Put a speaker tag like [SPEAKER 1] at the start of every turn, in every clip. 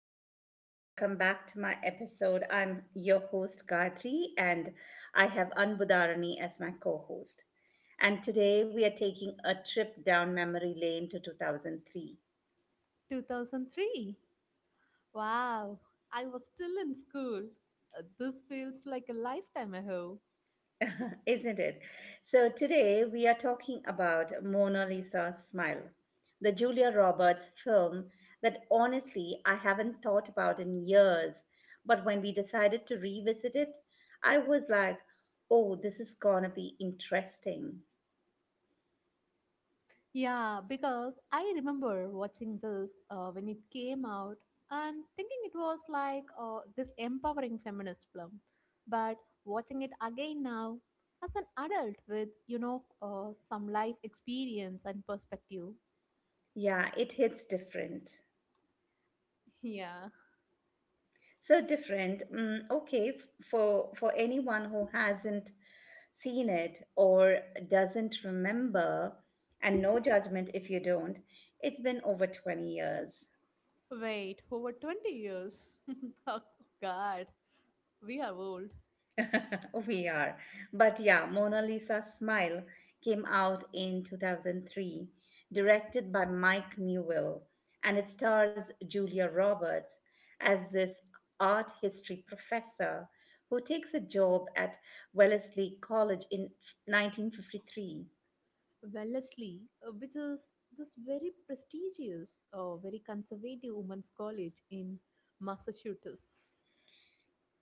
[SPEAKER 1] everyone, and welcome back to my episode. I'm your host, Gayatri, and I have Anbudarani as my co host. And today we are taking a trip down memory lane to 2003.
[SPEAKER 2] 2003. Wow, I was still in school. This feels like a lifetime ago.
[SPEAKER 1] Isn't it? So, today we are talking about Mona Lisa's Smile, the Julia Roberts film that honestly I haven't thought about in years. But when we decided to revisit it, I was like, oh, this is gonna be interesting.
[SPEAKER 2] Yeah, because I remember watching this when it came out and thinking it was like this empowering feminist film. But watching it again now as an adult with, some life experience and perspective.
[SPEAKER 1] Yeah, it hits different.
[SPEAKER 2] Yeah,
[SPEAKER 1] So different. Okay, for anyone who hasn't seen it or doesn't remember, and no judgment if you don't, it's been over 20 years.
[SPEAKER 2] wait, over 20 years. Oh, God, we are old.
[SPEAKER 1] We are. But yeah, Mona Lisa's Smile came out in 2003, directed by Mike Newell, and it stars Julia Roberts as this art history professor who takes a job at Wellesley College in 1953.
[SPEAKER 2] Wellesley, which is this very prestigious, very conservative women's college in Massachusetts.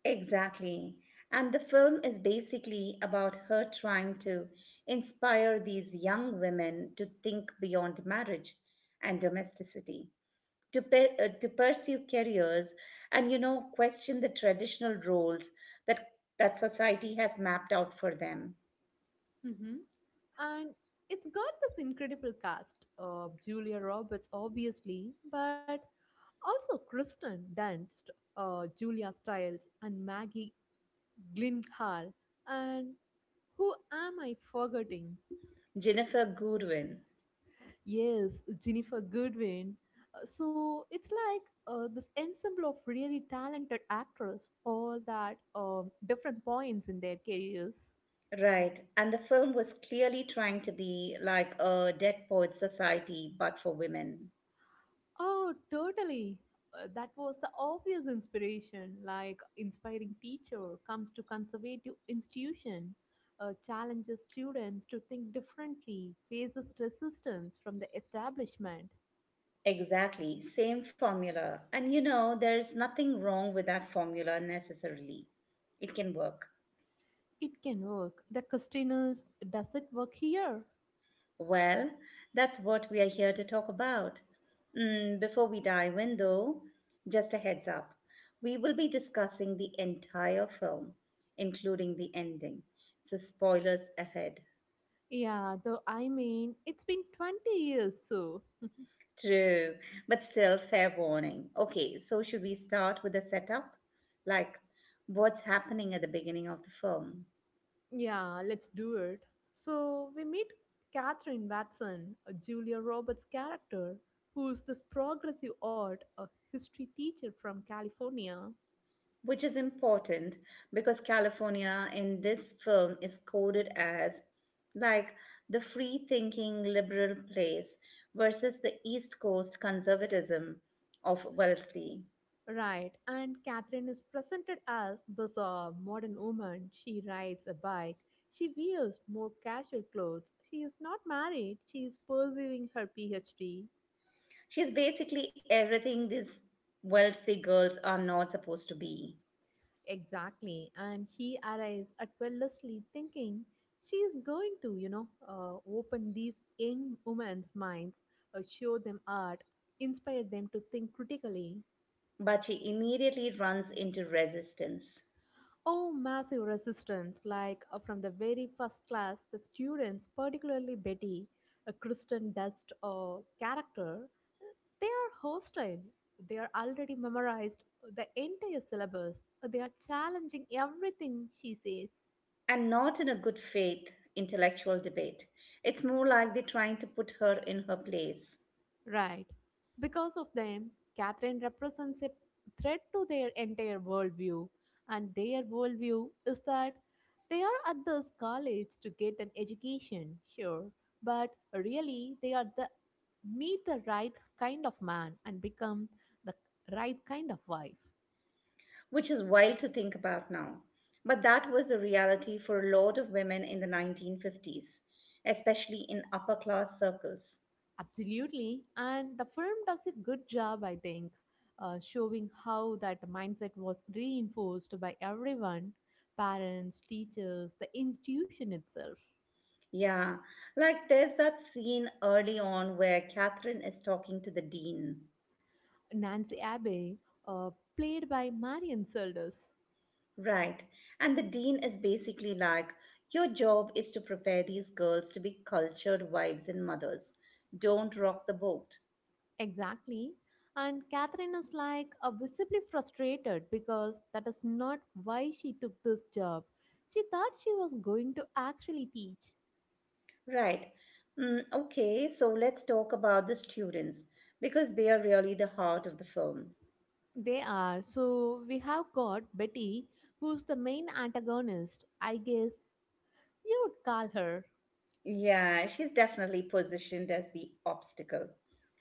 [SPEAKER 1] Exactly. And the film is basically about her trying to inspire these young women to think beyond marriage and domesticity. To, to pursue careers, and you know, question the traditional roles that society has mapped out for them.
[SPEAKER 2] Hmm. And it's got this incredible cast of Julia Roberts, obviously, but also Kristen Dunst, Julia Stiles, and Maggie Gyllenhaal. And who am I forgetting?
[SPEAKER 1] Jennifer Goodwin.
[SPEAKER 2] Yes, Jennifer Goodwin. So it's like this ensemble of really talented actors, all that different points in their careers.
[SPEAKER 1] Right, and the film was clearly trying to be like a Dead Poet Society but for women.
[SPEAKER 2] Oh, totally. That was the obvious inspiration, like inspiring teacher comes to conservative institution, challenges students to think differently, faces resistance from the establishment.
[SPEAKER 1] Exactly, same formula, and you know, there's nothing wrong with that formula necessarily. It can work.
[SPEAKER 2] It can work. The question is, does it work here?
[SPEAKER 1] Well, that's what we are here to talk about. Before we dive in, though, just a heads up, we will be discussing the entire film, including the ending. So, spoilers ahead.
[SPEAKER 2] Yeah, though I mean, it's been 20 years, so
[SPEAKER 1] True, but still, fair warning. Okay, so should we start with the setup? Like, what's happening at the beginning of the film?
[SPEAKER 2] yeah, let's do it. So we meet Catherine Watson, a Julia Roberts character, who's this progressive art, a history teacher from California.
[SPEAKER 1] Which is important because California in this film is coded as like the free thinking liberal place versus the East Coast conservatism of Wellesley.
[SPEAKER 2] Right, and Catherine is presented as this modern woman. She rides a bike. She wears more casual clothes. She is not married. She is pursuing her PhD.
[SPEAKER 1] She's basically everything these Wellesley girls are not supposed to be,
[SPEAKER 2] Exactly. And he arrives at Wellesley thinking she is going to, open these young women's minds, show them art, inspire them to think critically.
[SPEAKER 1] but she immediately runs into resistance,
[SPEAKER 2] Oh, massive resistance. Like from the very first class, the students, particularly Betty, a Kristen Dust character, they are hostile. They are already memorized the entire syllabus. They are challenging everything she says.
[SPEAKER 1] and not in a good faith intellectual debate. It's more like they're trying to put her in her place.
[SPEAKER 2] Right. Because of them, Catherine represents a threat to their entire worldview. And their worldview is that they are at this college to get an education, sure, but really they are the meet the right kind of man and become the right kind of wife.
[SPEAKER 1] Which is wild to think about now. But that was the reality for a lot of women in the 1950s, especially in upper class circles.
[SPEAKER 2] Absolutely. And the film does a good job, I think, showing how that mindset was reinforced by everyone parents, teachers, the institution itself.
[SPEAKER 1] Yeah, like there's that scene early on where Catherine is talking to the dean.
[SPEAKER 2] Nancy Abbey, uh, played by Marion Seldes.
[SPEAKER 1] Right, and the dean is basically like, your job is to prepare these girls to be cultured wives and mothers. Don't rock the boat.
[SPEAKER 2] Exactly. And Catherine is like visibly frustrated because that is not why she took this job. She thought she was going to actually teach.
[SPEAKER 1] Right. Okay, so let's talk about the students because they are really the heart of the film.
[SPEAKER 2] They are. So we have got Betty, who's the main antagonist. I guess you would call her.
[SPEAKER 1] Yeah, she's definitely positioned as the obstacle.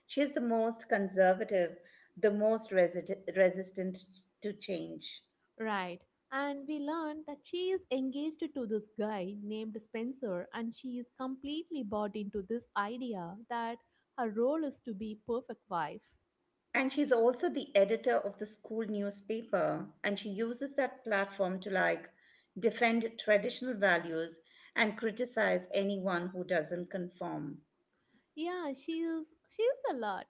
[SPEAKER 1] She's the most conservative, the most resistant to change.
[SPEAKER 2] Right. And we learn that she is engaged to this guy named Spencer, and she is completely bought into this idea that her role is to be perfect wife.
[SPEAKER 1] And she's also the editor of the school newspaper. And she uses that platform to like defend traditional values and criticize anyone who doesn't conform.
[SPEAKER 2] Yeah, she is a lot.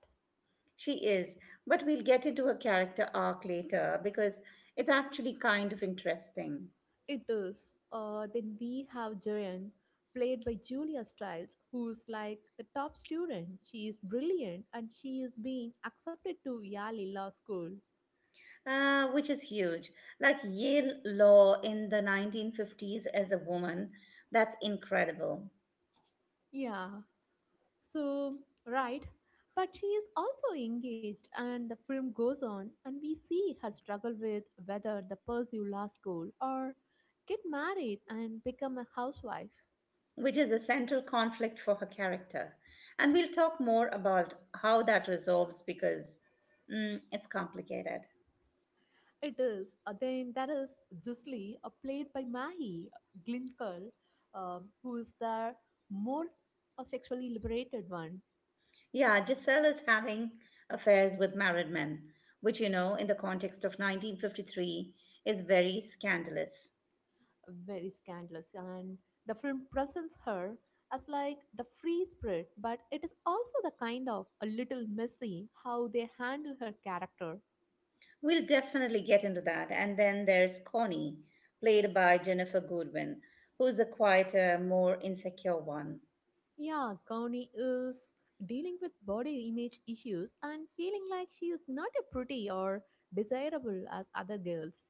[SPEAKER 1] She is, but we'll get into her character arc later because it's actually kind of interesting.
[SPEAKER 2] It is. Then we have Jayan, played by Julia Stiles, who's like the top student. She is brilliant and she is being accepted to Yale Law School.
[SPEAKER 1] Which is huge. Like Yale Law in the 1950s as a woman, that's incredible.
[SPEAKER 2] Yeah, so, right. But she is also engaged, and the film goes on, and we see her struggle with whether to pursue law school or get married and become a housewife.
[SPEAKER 1] Which is a central conflict for her character. And we'll talk more about how that resolves because it's complicated.
[SPEAKER 2] It is. Then there is Jusli, played by Mahi Glinker, who is the more sexually liberated one,
[SPEAKER 1] Yeah, Giselle is having affairs with married men, which, you know, in the context of 1953, is very scandalous.
[SPEAKER 2] very scandalous. And the film presents her as like the free spirit, but it is also the kind of a little messy how they handle her character.
[SPEAKER 1] We'll definitely get into that. And then there's Connie, played by Jennifer Goodwin, who's a quieter, more insecure one.
[SPEAKER 2] Yeah, Kauni is dealing with body image issues and feeling like she is not a pretty or desirable as other girls.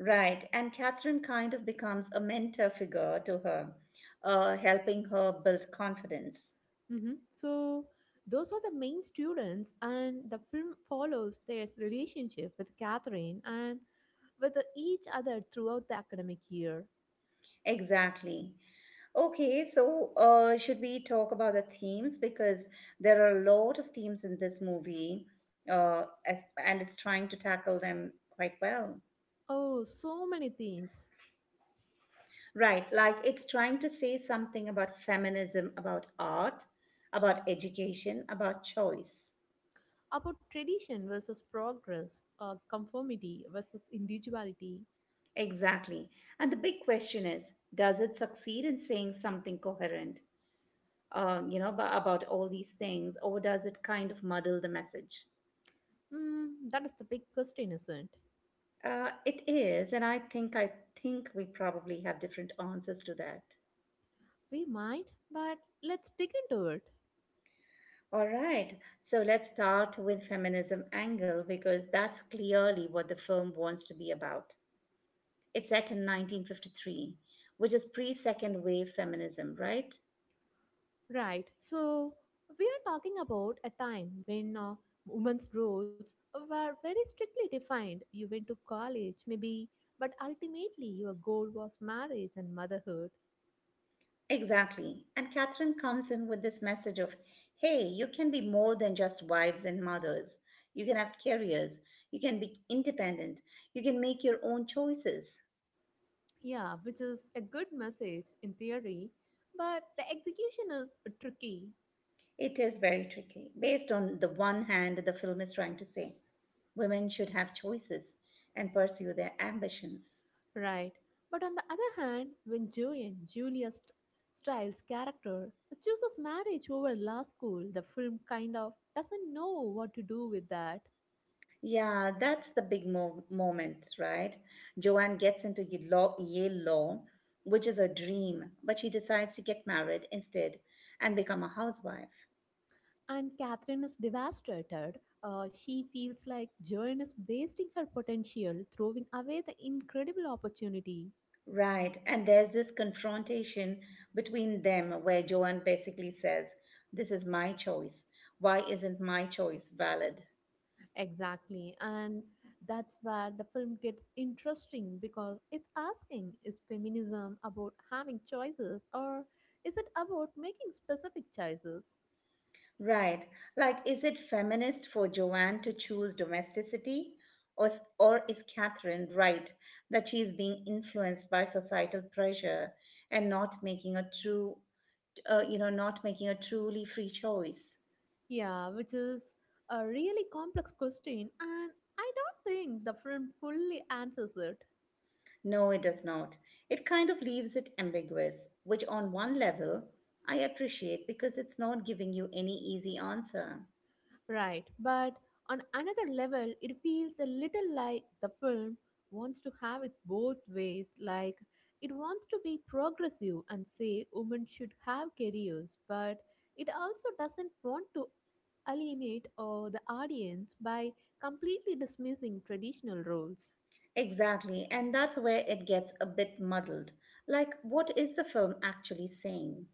[SPEAKER 1] Right, and Catherine kind of becomes a mentor figure to her, helping her build confidence.
[SPEAKER 2] Hmm. So, those are the main students, and the film follows their relationship with Catherine and with each other throughout the academic year.
[SPEAKER 1] Exactly. Okay, so should we talk about the themes? Because there are a lot of themes in this movie, and it's trying to tackle them quite well.
[SPEAKER 2] Oh, so many themes
[SPEAKER 1] Right, like it's trying to say something about feminism, about art, about education, about choice.
[SPEAKER 2] about tradition versus progress, conformity versus individuality.
[SPEAKER 1] Exactly. And the big question is, does it succeed in saying something coherent, you know, about all these things, or does it kind of muddle the message?
[SPEAKER 2] Mm, that is the big question, isn't it?
[SPEAKER 1] It is, and I think we probably have different answers to that.
[SPEAKER 2] We might, but let's dig into it.
[SPEAKER 1] All right, so let's start with feminism angle because that's clearly what the film wants to be about. It's set in 1953, which is pre second wave feminism, right?
[SPEAKER 2] Right. So we are talking about a time when women's roles were very strictly defined. You went to college, maybe, but ultimately your goal was marriage and motherhood.
[SPEAKER 1] Exactly. And Catherine comes in with this message of, hey, you can be more than just wives and mothers. You can have careers. You can be independent. You can make your own choices.
[SPEAKER 2] Yeah, which is a good message in theory, but the execution is tricky.
[SPEAKER 1] It is very tricky. Based on the one hand, the film is trying to say women should have choices and pursue their ambitions.
[SPEAKER 2] Right. But on the other hand, when Joanne, Stiles' character, chooses marriage over law school, the film kind of doesn't know what to do with that.
[SPEAKER 1] Yeah, that's the big moment, right? Joanne gets into Yale Law, which is her dream, but she decides to get married instead and become a housewife.
[SPEAKER 2] And Catherine is devastated. She feels like Joanne is wasting her potential, throwing away the incredible opportunity.
[SPEAKER 1] Right, and there's this confrontation between them where Joanne basically says, this is my choice. Why isn't my choice valid?
[SPEAKER 2] Exactly. And that's where the film gets interesting because it's asking is feminism about having choices or is it about making specific choices?
[SPEAKER 1] Right. Like, is it feminist for Joanne to choose domesticity? Or is Catherine right that she is being influenced by societal pressure and not making a true, not making a truly free choice?
[SPEAKER 2] Yeah, which is a really complex question, and I don't think the film fully answers it.
[SPEAKER 1] No, it does not. It kind of leaves it ambiguous, which on one level I appreciate because it's not giving you any easy answer.
[SPEAKER 2] Right, but on another level, it feels a little like the film wants to have it both ways. Like, it wants to be progressive and say women should have careers, but it also doesn't want to alienate the audience by completely dismissing traditional roles.
[SPEAKER 1] Exactly, and that's where it gets a bit muddled. Like, what is the film actually saying?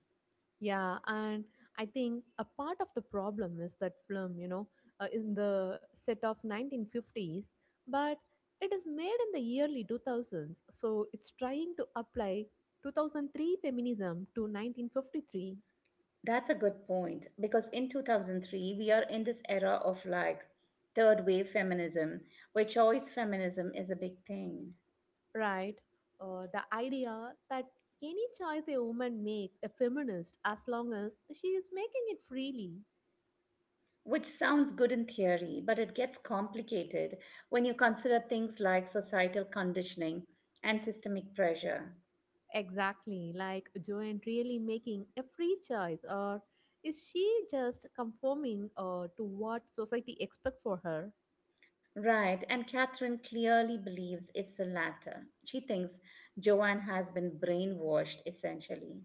[SPEAKER 2] Yeah, and I think a part of the problem is that film, in the set of 1950s, but it is made in the early 2000s, so it's trying to apply 2003 feminism to 1953,
[SPEAKER 1] That's a good point because in 2003 we are in this era of like third wave feminism, where choice feminism is a big thing,
[SPEAKER 2] right? The idea that any choice a woman makes a feminist as long as she is making it freely.
[SPEAKER 1] which sounds good in theory but it gets complicated when you consider things like societal conditioning and systemic pressure.
[SPEAKER 2] Exactly, like Joanne really making a free choice, or is she just conforming to what society expect for her?
[SPEAKER 1] Right, and Catherine clearly believes it's the latter. She thinks Joanne has been brainwashed essentially.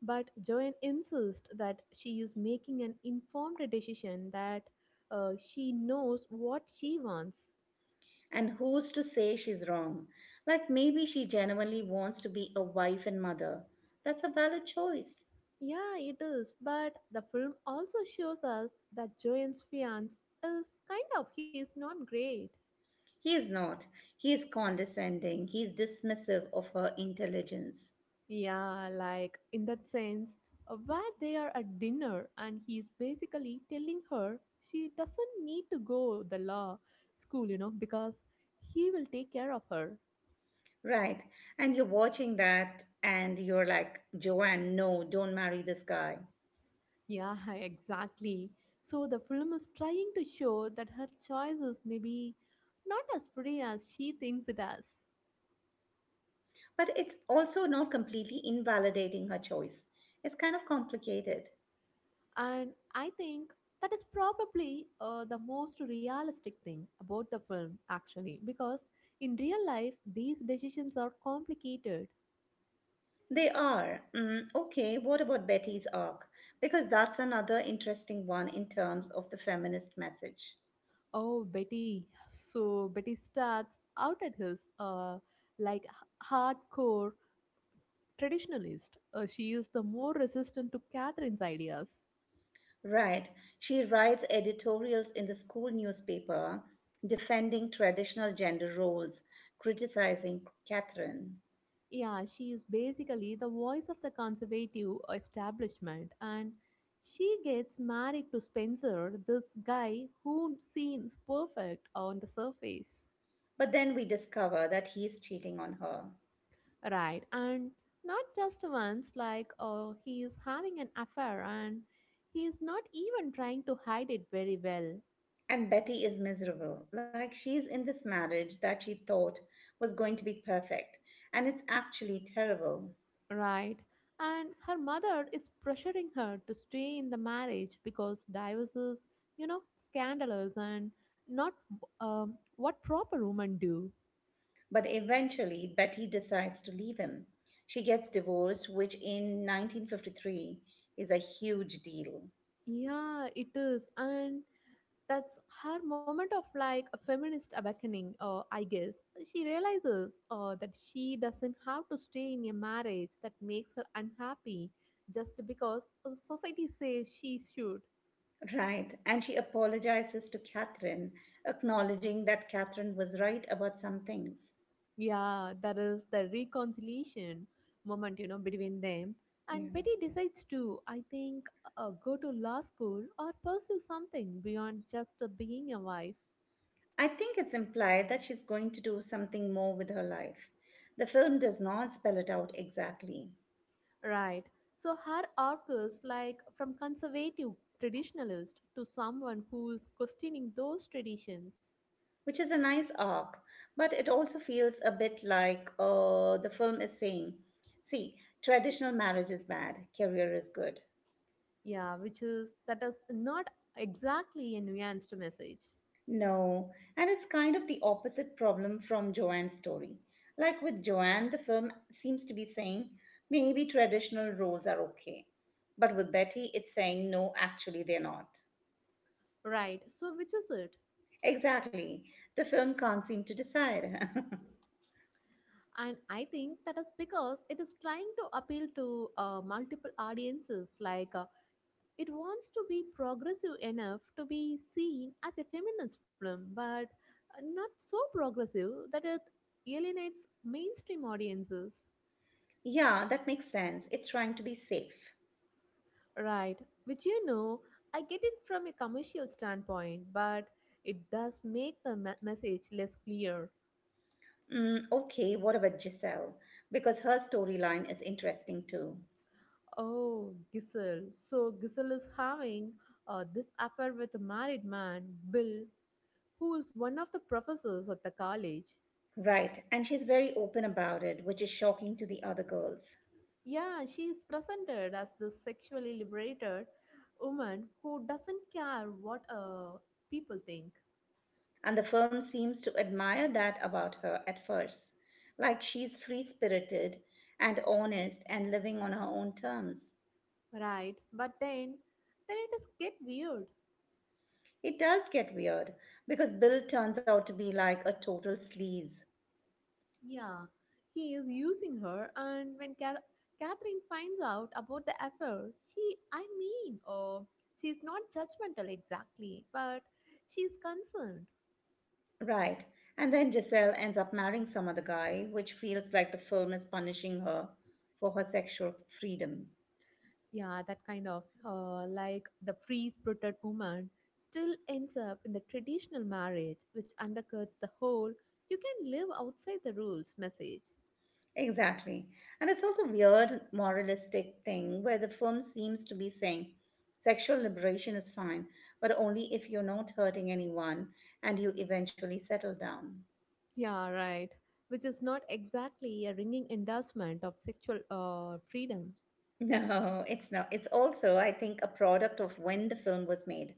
[SPEAKER 2] But Joanne insists that she is making an informed decision that she knows what she wants.
[SPEAKER 1] And who's to say she's wrong? Like maybe she genuinely wants to be a wife and mother. That's a valid choice.
[SPEAKER 2] Yeah, it is, but the film also shows us that Joanne's fiance is kind of, he's not great.
[SPEAKER 1] He is not. He is condescending. He is dismissive of her intelligence.
[SPEAKER 2] Yeah, like in that sense, where they are at dinner and he's basically telling her she doesn't need to go the law school, you know, because he will take care of her.
[SPEAKER 1] Right. And you're watching that and you're like, Joanne, no, don't marry this guy.
[SPEAKER 2] Yeah, exactly. So the film is trying to show that her choices may be not as free as she thinks it as.
[SPEAKER 1] But it's also not completely invalidating her choice. It's kind of complicated.
[SPEAKER 2] And I think that is probably the most realistic thing about the film, actually, because in real life, these decisions are complicated.
[SPEAKER 1] They are. Okay, what about Betty's arc? Because that's another interesting one in terms of the feminist message.
[SPEAKER 2] Oh, Betty. So, Betty starts out at his like hardcore traditionalist. She is the more resistant to Catherine's ideas.
[SPEAKER 1] Right, she writes editorials in the school newspaper defending traditional gender roles, criticizing Catherine.
[SPEAKER 2] Yeah, she is basically the voice of the conservative establishment, and she gets married to Spencer, this guy who seems perfect on the surface.
[SPEAKER 1] But then we discover that he's cheating on her.
[SPEAKER 2] Right, and not just once, like he is having an affair and he is not even trying to hide it very well.
[SPEAKER 1] And Betty is miserable, like she's in this marriage that she thought was going to be perfect, and it's actually terrible.
[SPEAKER 2] Right. And her mother is pressuring her to stay in the marriage because divorces, you know, scandalous and not what proper women do.
[SPEAKER 1] But eventually, Betty decides to leave him. She gets divorced, which in 1953 is a huge deal.
[SPEAKER 2] Yeah, it is. And that's her moment of like a feminist awakening, I guess. She realizes that she doesn't have to stay in a marriage that makes her unhappy just because society says she should.
[SPEAKER 1] Right, and she apologizes to Catherine, acknowledging that Catherine was right about some things.
[SPEAKER 2] Yeah, that is the reconciliation moment, you know, between them. And
[SPEAKER 1] Yeah.
[SPEAKER 2] Betty decides to, I think, go to law school or pursue something beyond just being a wife.
[SPEAKER 1] I think it's implied that she's going to do something more with her life. The film does not spell it out exactly.
[SPEAKER 2] Right. So her arc is like from conservative traditionalist to someone who's questioning those traditions.
[SPEAKER 1] Which is a nice arc, but it also feels a bit like the film is saying, see, traditional marriage is bad, career is good.
[SPEAKER 2] Yeah, which is that is not exactly a nuanced message.
[SPEAKER 1] No, and it's kind of the opposite problem from Joanne's story. Like with Joanne, the film seems to be saying maybe traditional roles are okay. But with Betty, it's saying no, actually, they're not.
[SPEAKER 2] Right. So which is it?
[SPEAKER 1] Exactly. The film can't seem to decide.
[SPEAKER 2] And I think that is because it is trying to appeal to multiple audiences like it wants to be progressive enough to be seen as a feminist film but not so progressive that it alienates mainstream audiences
[SPEAKER 1] Yeah, that makes sense. It's trying to be safe.
[SPEAKER 2] right which you know I get it from a commercial standpoint but it does make the message less clear.
[SPEAKER 1] Okay, what about Giselle? Because her storyline is interesting too.
[SPEAKER 2] Oh, Giselle. So Giselle is having this affair with a married man, Bill, who is one of the professors at the college.
[SPEAKER 1] Right, and she's very open about it, which is shocking to the other girls.
[SPEAKER 2] Yeah, she is presented as the sexually liberated woman who doesn't care what people think,
[SPEAKER 1] And the film seems to admire that about her at first. Like she's free spirited and honest and living on her own terms.
[SPEAKER 2] right? But then it is get weird.
[SPEAKER 1] It does get weird because Bill turns out to be like a total sleaze.
[SPEAKER 2] Yeah, he is using her, and when Catherine finds out about the affair, she, I mean, oh, she is not judgmental exactly, but she is concerned.
[SPEAKER 1] Right, and then Giselle ends up marrying some other guy, which feels like the film is punishing her for her sexual freedom.
[SPEAKER 2] Yeah, that kind of like the free spirited woman still ends up in the traditional marriage which undercuts the whole you can live outside the rules message.
[SPEAKER 1] Exactly. And it's also a weird moralistic thing where the film seems to be saying sexual liberation is fine, but only if you're not hurting anyone and you eventually settle down.
[SPEAKER 2] Yeah, right, which is not exactly a ringing endorsement of sexual freedom.
[SPEAKER 1] No, it's not. It's also, I think, a product of when the film was made.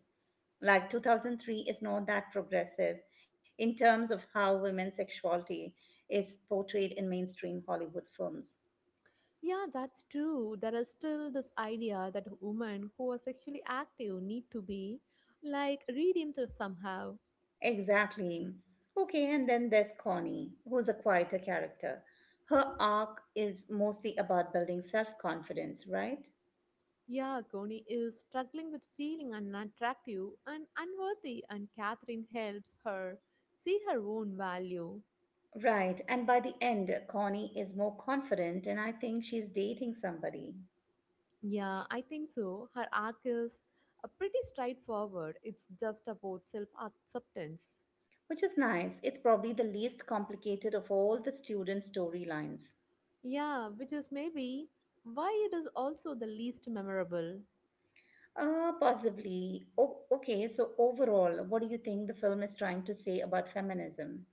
[SPEAKER 1] Like 2003 is not that progressive in terms of how women's sexuality is portrayed in mainstream Hollywood films.
[SPEAKER 2] Yeah, that's true, there is still this idea that women who are sexually active need to be like redeemed somehow.
[SPEAKER 1] Exactly. Okay, and then there's Connie, who's a quieter character. Her arc is mostly about building self confidence, right?
[SPEAKER 2] Yeah, Connie is struggling with feeling unattractive and unworthy, and Catherine helps her see her own value.
[SPEAKER 1] Right, and by the end, Connie is more confident, and I think she's dating somebody,
[SPEAKER 2] Yeah, I think so. Her arc is pretty straightforward, it's just about self acceptance.
[SPEAKER 1] which is nice. It's probably the least complicated of all the student storylines.
[SPEAKER 2] Yeah, which is maybe why it is also the least memorable.
[SPEAKER 1] Possibly. Okay, so overall, what do you think the film is trying to say about feminism?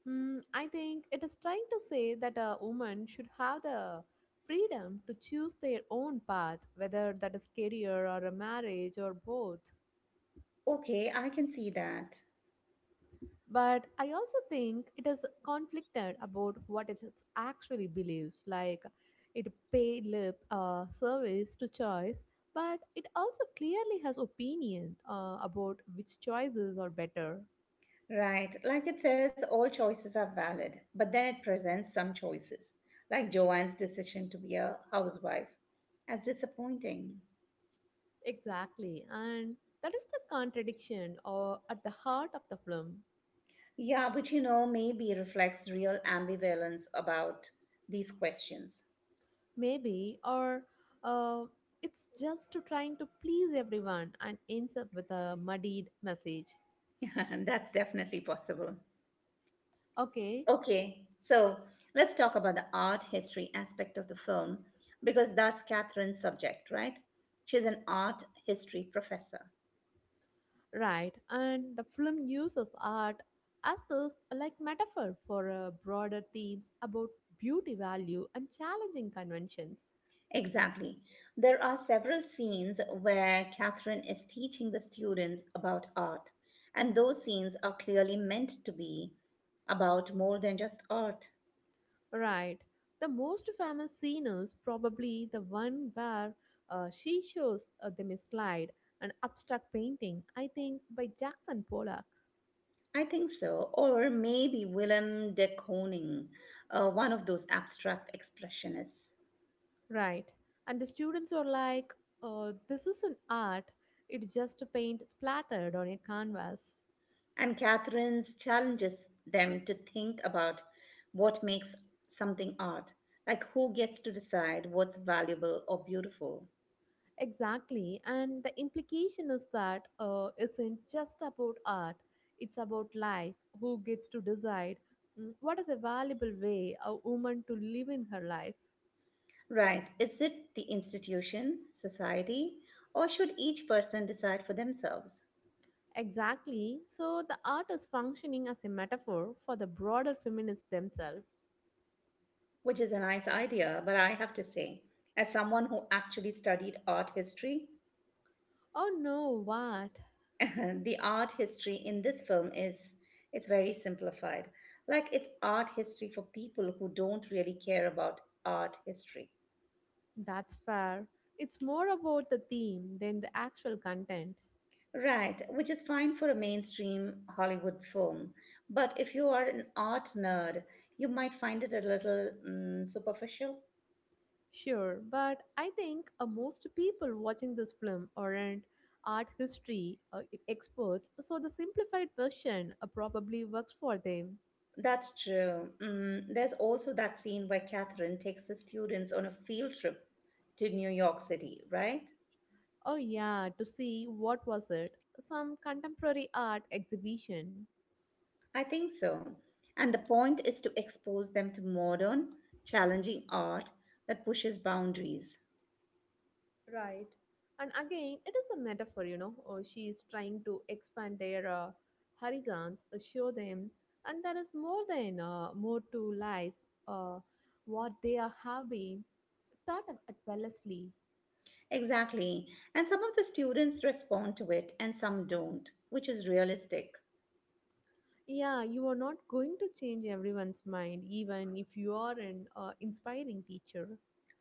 [SPEAKER 2] Hmm, I think it is trying to say that a woman should have the freedom to choose their own path, whether that is career or a marriage or both.
[SPEAKER 1] Okay, I can see that.
[SPEAKER 2] But I also think it is conflicted about what it is actually believes. Like it pay lip service to choice, but it also clearly has opinion about which choices are better.
[SPEAKER 1] Right. Like it says, all choices are valid, but then it presents some choices, like Joanne's decision to be a housewife, as disappointing.
[SPEAKER 2] Exactly, and that is the contradiction or at the heart of the film,
[SPEAKER 1] Yeah, which you know maybe reflects real ambivalence about these questions.
[SPEAKER 2] maybe, or uh, it's just to trying to please everyone and ends up with a muddied message.
[SPEAKER 1] That's definitely possible.
[SPEAKER 2] Okay.
[SPEAKER 1] Okay, so let's talk about the art history aspect of the film because that's Catherine's subject, right? She's an art history professor.
[SPEAKER 2] Right, and the film uses art as this like metaphor for broader themes about beauty value and challenging conventions.
[SPEAKER 1] Exactly. There are several scenes where Catherine is teaching the students about art, and those scenes are clearly meant to be about more than just art.
[SPEAKER 2] Right, the most famous scene is probably the one where she shows the misglide, an abstract painting, I think, by Jackson Pollock.
[SPEAKER 1] I think so. Or maybe Willem de Kooning, one of those abstract expressionists.
[SPEAKER 2] Right, and the students are like, "This isn't art; it's just a paint splattered on a canvas."
[SPEAKER 1] And Catherine's challenges them to think about what makes something art, like who gets to decide what's valuable or beautiful.
[SPEAKER 2] Exactly, and the implication is that isn't just about art; it's about life. Who gets to decide what is a valuable way a woman to live in her life?
[SPEAKER 1] Right. Is it the institution, society, or should each person decide for themselves?
[SPEAKER 2] Exactly. So the art is functioning as a metaphor for the broader feminists themselves.
[SPEAKER 1] Which is a nice idea, but I have to say, as someone who actually studied art history,
[SPEAKER 2] Oh no, what?
[SPEAKER 1] the art history in this film is it's very simplified. Like it's art history for people who don't really care about art history.
[SPEAKER 2] That's fair. It's more about the theme than the actual content.
[SPEAKER 1] Right, which is fine for a mainstream Hollywood film. But if you are an art nerd, you might find it a little superficial.
[SPEAKER 2] Sure, but I think most people watching this film aren't art history experts, so the simplified version probably works for them.
[SPEAKER 1] That's true. There's also that scene where Catherine takes the students on a field trip to New York City, right?
[SPEAKER 2] Oh, yeah, to see what was it? Some contemporary art exhibition.
[SPEAKER 1] I think so. And the point is to expose them to modern, challenging art that pushes boundaries.
[SPEAKER 2] Right. And again, it is a metaphor, you know. Or she is trying to expand their horizons, show them, and there is more than more to life uh, what they are having thought of at Wellesley.
[SPEAKER 1] Exactly. And some of the students respond to it and some don't, which is realistic.
[SPEAKER 2] Yeah, you are not going to change everyone's mind, even if you are an inspiring teacher.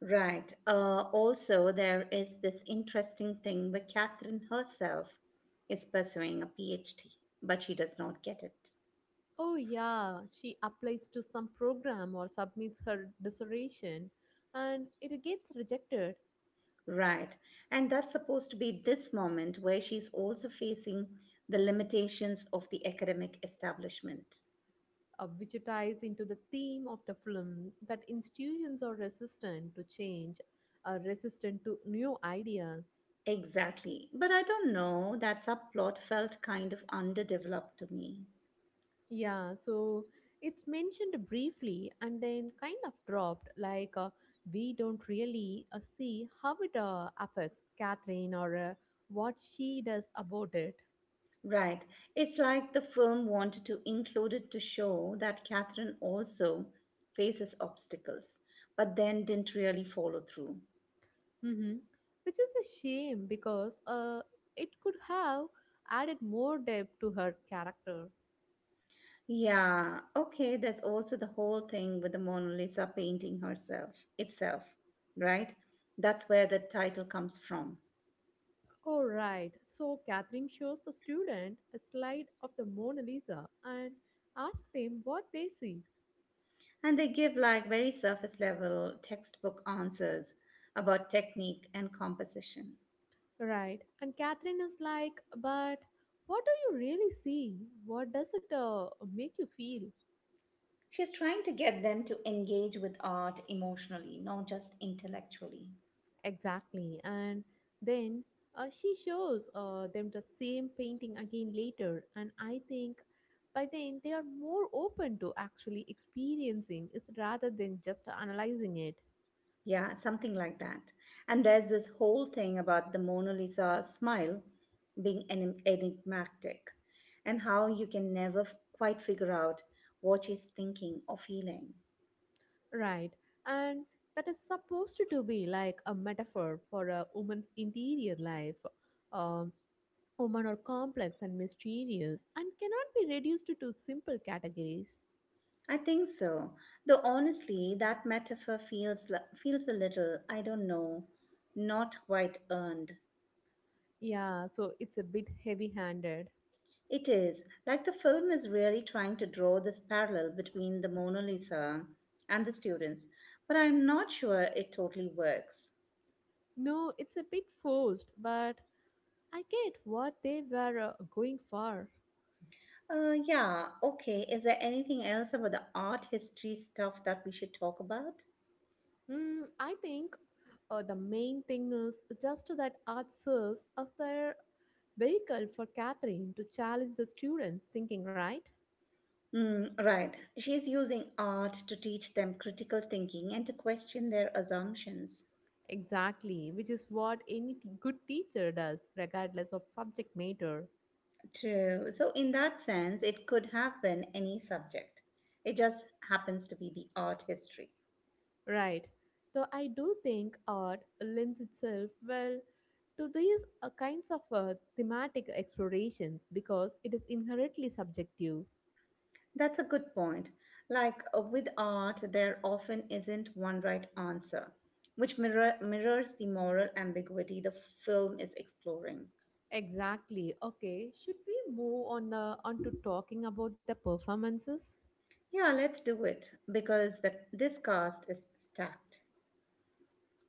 [SPEAKER 1] Right. Also, there is this interesting thing where Catherine herself is pursuing a PhD, but she does not get it.
[SPEAKER 2] Oh, yeah, she applies to some program or submits her dissertation, and it gets rejected,
[SPEAKER 1] Right. And that's supposed to be this moment where she's also facing the limitations of the academic establishment.
[SPEAKER 2] which ties into the theme of the film that institutions are resistant to change, are resistant to new ideas.
[SPEAKER 1] Exactly. But I don't know, that subplot felt kind of underdeveloped to me.
[SPEAKER 2] Yeah, so it's mentioned briefly and then kind of dropped. Like, we don't really see how it affects Catherine or what she does about it.
[SPEAKER 1] Right. It's like the film wanted to include it to show that Catherine also faces obstacles, but then didn't really follow through.
[SPEAKER 2] hmm Which is a shame because it could have added more depth to her character.
[SPEAKER 1] Yeah, okay, there's also the whole thing with the Mona Lisa painting herself itself, right? That's where the title comes from.
[SPEAKER 2] All right, so Catherine shows the student a slide of the Mona Lisa and asks them what they see.
[SPEAKER 1] And they give like very surface level textbook answers about technique and composition.
[SPEAKER 2] Right. And Catherine is like, but what do you really see? What does it make you feel?
[SPEAKER 1] She's trying to get them to engage with art emotionally, not just intellectually.
[SPEAKER 2] Exactly. And then she shows them the same painting again later. And I think by then they are more open to actually experiencing it rather than just analyzing it.
[SPEAKER 1] Yeah, something like that. And there's this whole thing about the Mona Lisa smile being enigmatic and how you can never quite figure out what she's thinking or feeling.
[SPEAKER 2] Right. And that is supposed to be like a metaphor for a woman's interior life. Um, Women are complex and mysterious and cannot be reduced to two simple categories.
[SPEAKER 1] I think so. Though honestly, that metaphor feels a little, I don't know, not quite earned.
[SPEAKER 2] Yeah, so it's a bit heavy handed.
[SPEAKER 1] It is like the film is really trying to draw this parallel between the Mona Lisa and the students, but I'm not sure it totally works.
[SPEAKER 2] No, it's a bit forced, but I get what they were going for.
[SPEAKER 1] Yeah, okay. Is there anything else about the art history stuff that we should talk about?
[SPEAKER 2] Hmm, I think the main thing is just that art serves as their vehicle for Catherine to challenge the students' thinking, right?
[SPEAKER 1] Right. She's using art to teach them critical thinking and to question their assumptions.
[SPEAKER 2] Exactly, which is what any good teacher does, regardless of subject matter.
[SPEAKER 1] True. So, in that sense, it could have been any subject. It just happens to be the art history.
[SPEAKER 2] Right. Though I do think art lends itself well to these kinds of thematic explorations because it is inherently subjective.
[SPEAKER 1] That's a good point. Like with art, there often isn't one right answer, which mirrors the moral ambiguity the film is exploring.
[SPEAKER 2] Exactly. Okay. Should we move on to talking about the performances?
[SPEAKER 1] Yeah, let's do it because this cast is stacked.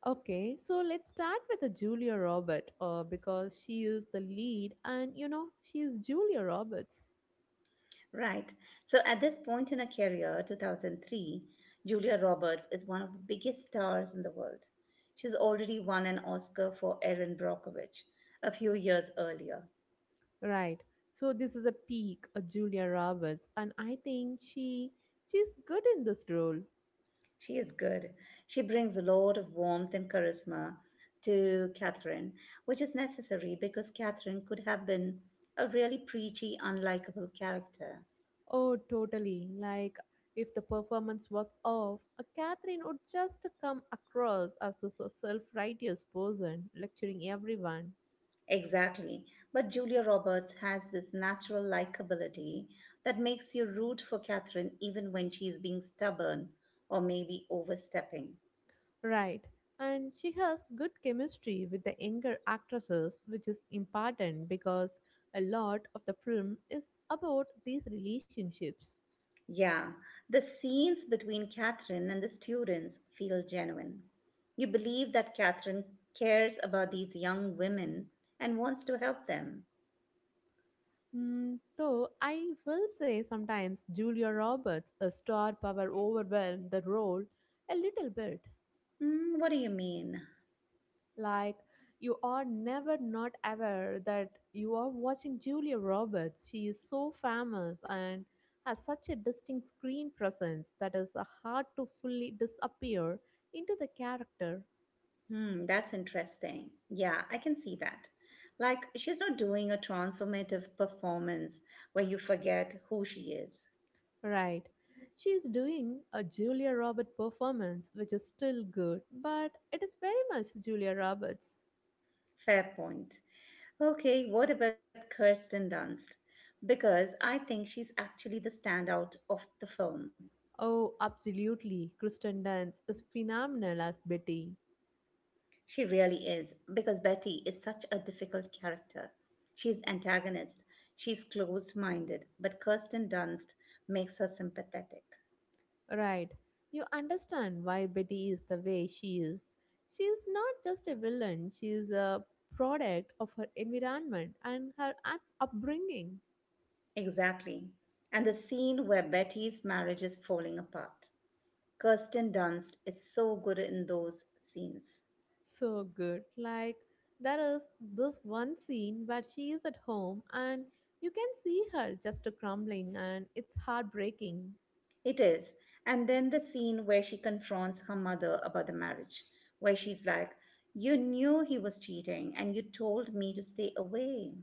[SPEAKER 2] Okay, so let's start with Julia Roberts, because she is the lead, and you know she is Julia Roberts,
[SPEAKER 1] Right. So at this point in her career, 2003, Julia Roberts is one of the biggest stars in the world. She's already won an Oscar for Erin Brockovich a few years earlier.
[SPEAKER 2] right? So this is a peak of Julia Roberts, and I think she's good in this role.
[SPEAKER 1] She is good. She brings a lot of warmth and charisma to Catherine, which is necessary because Catherine could have been a really preachy, unlikable character.
[SPEAKER 2] Oh, totally. Like, if the performance was off, a Catherine would just come across as a self righteous person, lecturing everyone.
[SPEAKER 1] Exactly. But Julia Roberts has this natural likability that makes you root for Catherine even when she is being stubborn or maybe overstepping.
[SPEAKER 2] Right. And she has good chemistry with the younger actresses, which is important because a lot of the film is about these relationships.
[SPEAKER 1] Yeah, the scenes between Catherine and the students feel genuine. You believe that Catherine cares about these young women and wants to help them.
[SPEAKER 2] Mm, though I will say sometimes Julia Roberts' a star power overwhelmed the role a little bit.
[SPEAKER 1] What do you mean?
[SPEAKER 2] Like, you are never not aware that you are watching Julia Roberts. She is so famous and has such a distinct screen presence that is hard to fully disappear into the character,
[SPEAKER 1] Hmm, that's interesting. Yeah, I can see that. Like, she's not doing a transformative performance where you forget who she is.
[SPEAKER 2] right? She is doing a Julia Roberts performance, which is still good, but it is very much Julia Roberts.
[SPEAKER 1] Fair point. Okay, what about Kirsten Dunst? Because I think she's actually the standout of the film.
[SPEAKER 2] Oh, absolutely. Kristen Dunst is phenomenal as Betty.
[SPEAKER 1] She really is, because Betty is such a difficult character. She's antagonist, she's closed minded, but Kirsten Dunst makes her sympathetic.
[SPEAKER 2] Right. You understand why Betty is the way she is. She is not just a villain, she is a product of her environment and her upbringing.
[SPEAKER 1] Exactly. And the scene where Betty's marriage is falling apart. Kirsten Dunst is so good in those scenes.
[SPEAKER 2] So good. Like, there is this one scene where she is at home and you can see her just crumbling, and it's heartbreaking.
[SPEAKER 1] It is. And then the scene where she confronts her mother about the marriage, where she's like, "You knew he was cheating and you told me to stay away."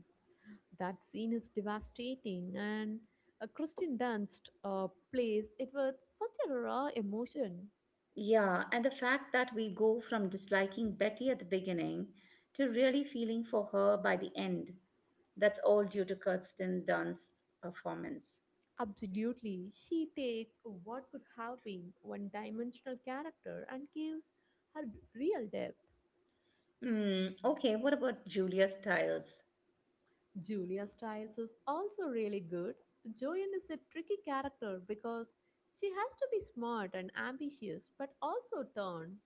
[SPEAKER 2] That scene is devastating, and Kristen Dunst plays it with such a raw emotion.
[SPEAKER 1] Yeah, and the fact that we go from disliking Betty at the beginning to really feeling for her by the end, that's all due to Kirsten Dunst's performance.
[SPEAKER 2] Absolutely. She takes what could have been one dimensional character and gives her real depth.
[SPEAKER 1] Okay, what about Julia Stiles?
[SPEAKER 2] Julia Stiles is also really good. Joanne is a tricky character because she has to be smart and ambitious but also torn.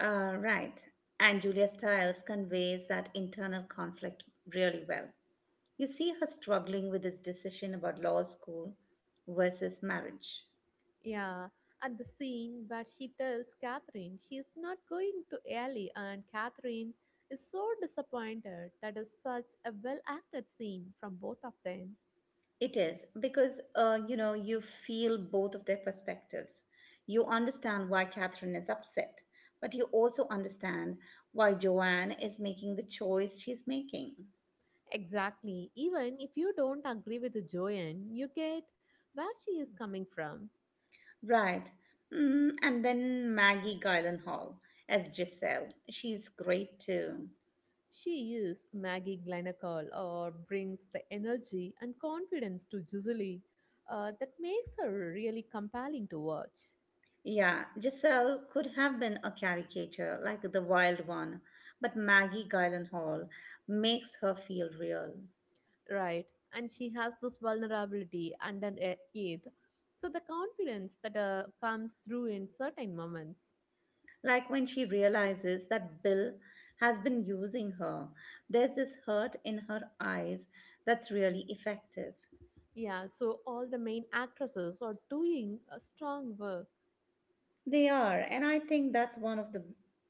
[SPEAKER 1] Right. And Julia Stiles conveys that internal conflict really well. You see her struggling with this decision about law school versus marriage.
[SPEAKER 2] Yeah, at the scene where she tells Catherine she is not going to Ellie, and Catherine is so disappointed. That is such a well acted scene from both of them.
[SPEAKER 1] It is because, you feel both of their perspectives. You understand why Catherine is upset, but you also understand why Joanne is making the choice she's making.
[SPEAKER 2] Exactly. Even if you don't agree with Joanne, you get where she is coming from.
[SPEAKER 1] Right. And then Maggie Gyllenhaal as Giselle. She's great too.
[SPEAKER 2] She is Maggie Glenacall or brings the energy and confidence to Julie that makes her really compelling to watch.
[SPEAKER 1] Yeah, Giselle could have been a caricature, like the wild one, but Maggie Gyllenhaal makes her feel real.
[SPEAKER 2] Right. And she has this vulnerability and an eighth. So the confidence that comes through in certain moments.
[SPEAKER 1] Like when she realizes that Bill has been using her, there's this hurt in her eyes that's really effective.
[SPEAKER 2] Yeah, so all the main actresses are doing a strong work.
[SPEAKER 1] They are, and I think that's one of the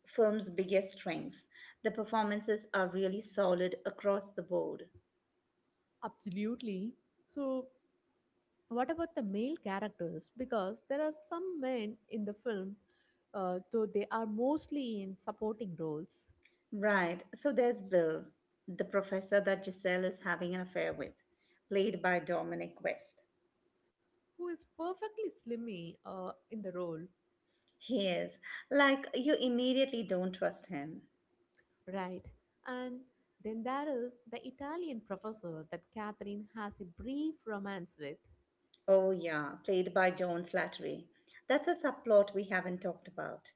[SPEAKER 1] film's biggest strengths. The performances are really solid across the board.
[SPEAKER 2] Absolutely. So what about the male characters? Because there are some men in the film, though they are mostly in supporting roles,
[SPEAKER 1] Right, so there's Bill, the professor that Giselle is having an affair with, played by Dominic West.
[SPEAKER 2] who is perfectly slimy in the role,
[SPEAKER 1] He is, like, you immediately don't trust him.
[SPEAKER 2] right? And then there is the Italian professor that Catherine has a brief romance with.
[SPEAKER 1] Oh, yeah, played by Joan Slattery. That's a subplot we haven't talked about.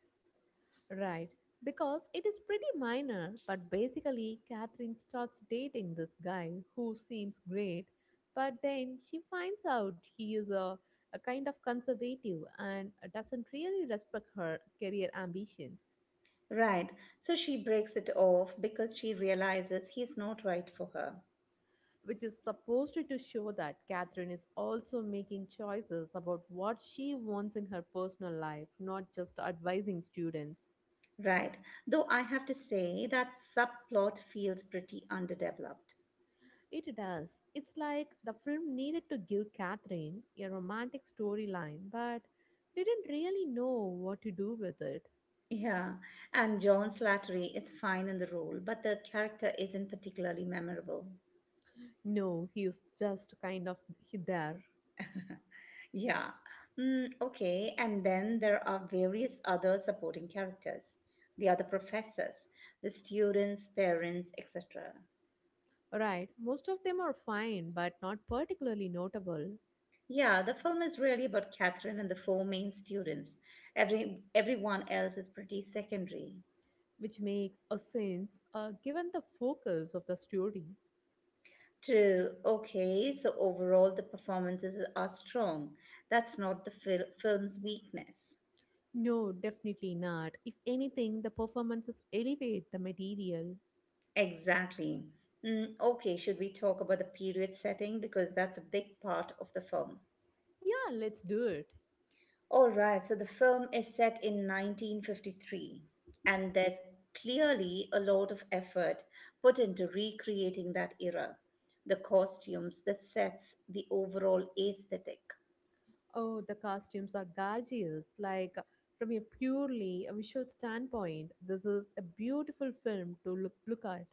[SPEAKER 2] Right, because it is pretty minor, but basically, Catherine starts dating this guy who seems great, but then she finds out he is a kind of conservative and doesn't really respect her career ambitions,
[SPEAKER 1] Right, so she breaks it off because she realizes he's not right for her.
[SPEAKER 2] which is supposed to show that Catherine is also making choices about what she wants in her personal life, not just advising students.
[SPEAKER 1] Right. Though I have to say that subplot feels pretty underdeveloped.
[SPEAKER 2] It does. It's like the film needed to give Catherine a romantic storyline, but didn't really know what to do with it.
[SPEAKER 1] Yeah, and John Slattery is fine in the role, but the character isn't particularly memorable.
[SPEAKER 2] No, he's just kind of there.
[SPEAKER 1] Yeah. Okay, and then there are various other supporting characters, the other professors, the students, parents, etc.
[SPEAKER 2] Right, most of them are fine, but not particularly notable,
[SPEAKER 1] Yeah, the film is really about Catherine and the four main students. Everyone else is pretty secondary.
[SPEAKER 2] which makes a sense given the focus of the story.
[SPEAKER 1] True. Okay, so overall the performances are strong. That's not the film's weakness.
[SPEAKER 2] No, definitely not. If anything, the performances elevate the material.
[SPEAKER 1] Exactly. Okay, should we talk about the period setting, because that's a big part of the film?
[SPEAKER 2] Yeah, let's do it.
[SPEAKER 1] All right, so the film is set in 1953, and there's clearly a lot of effort put into recreating that era. The costumes, the sets, the overall aesthetic.
[SPEAKER 2] Oh, the costumes are gorgeous. Like, from a purely visual standpoint, this is a beautiful film to look at.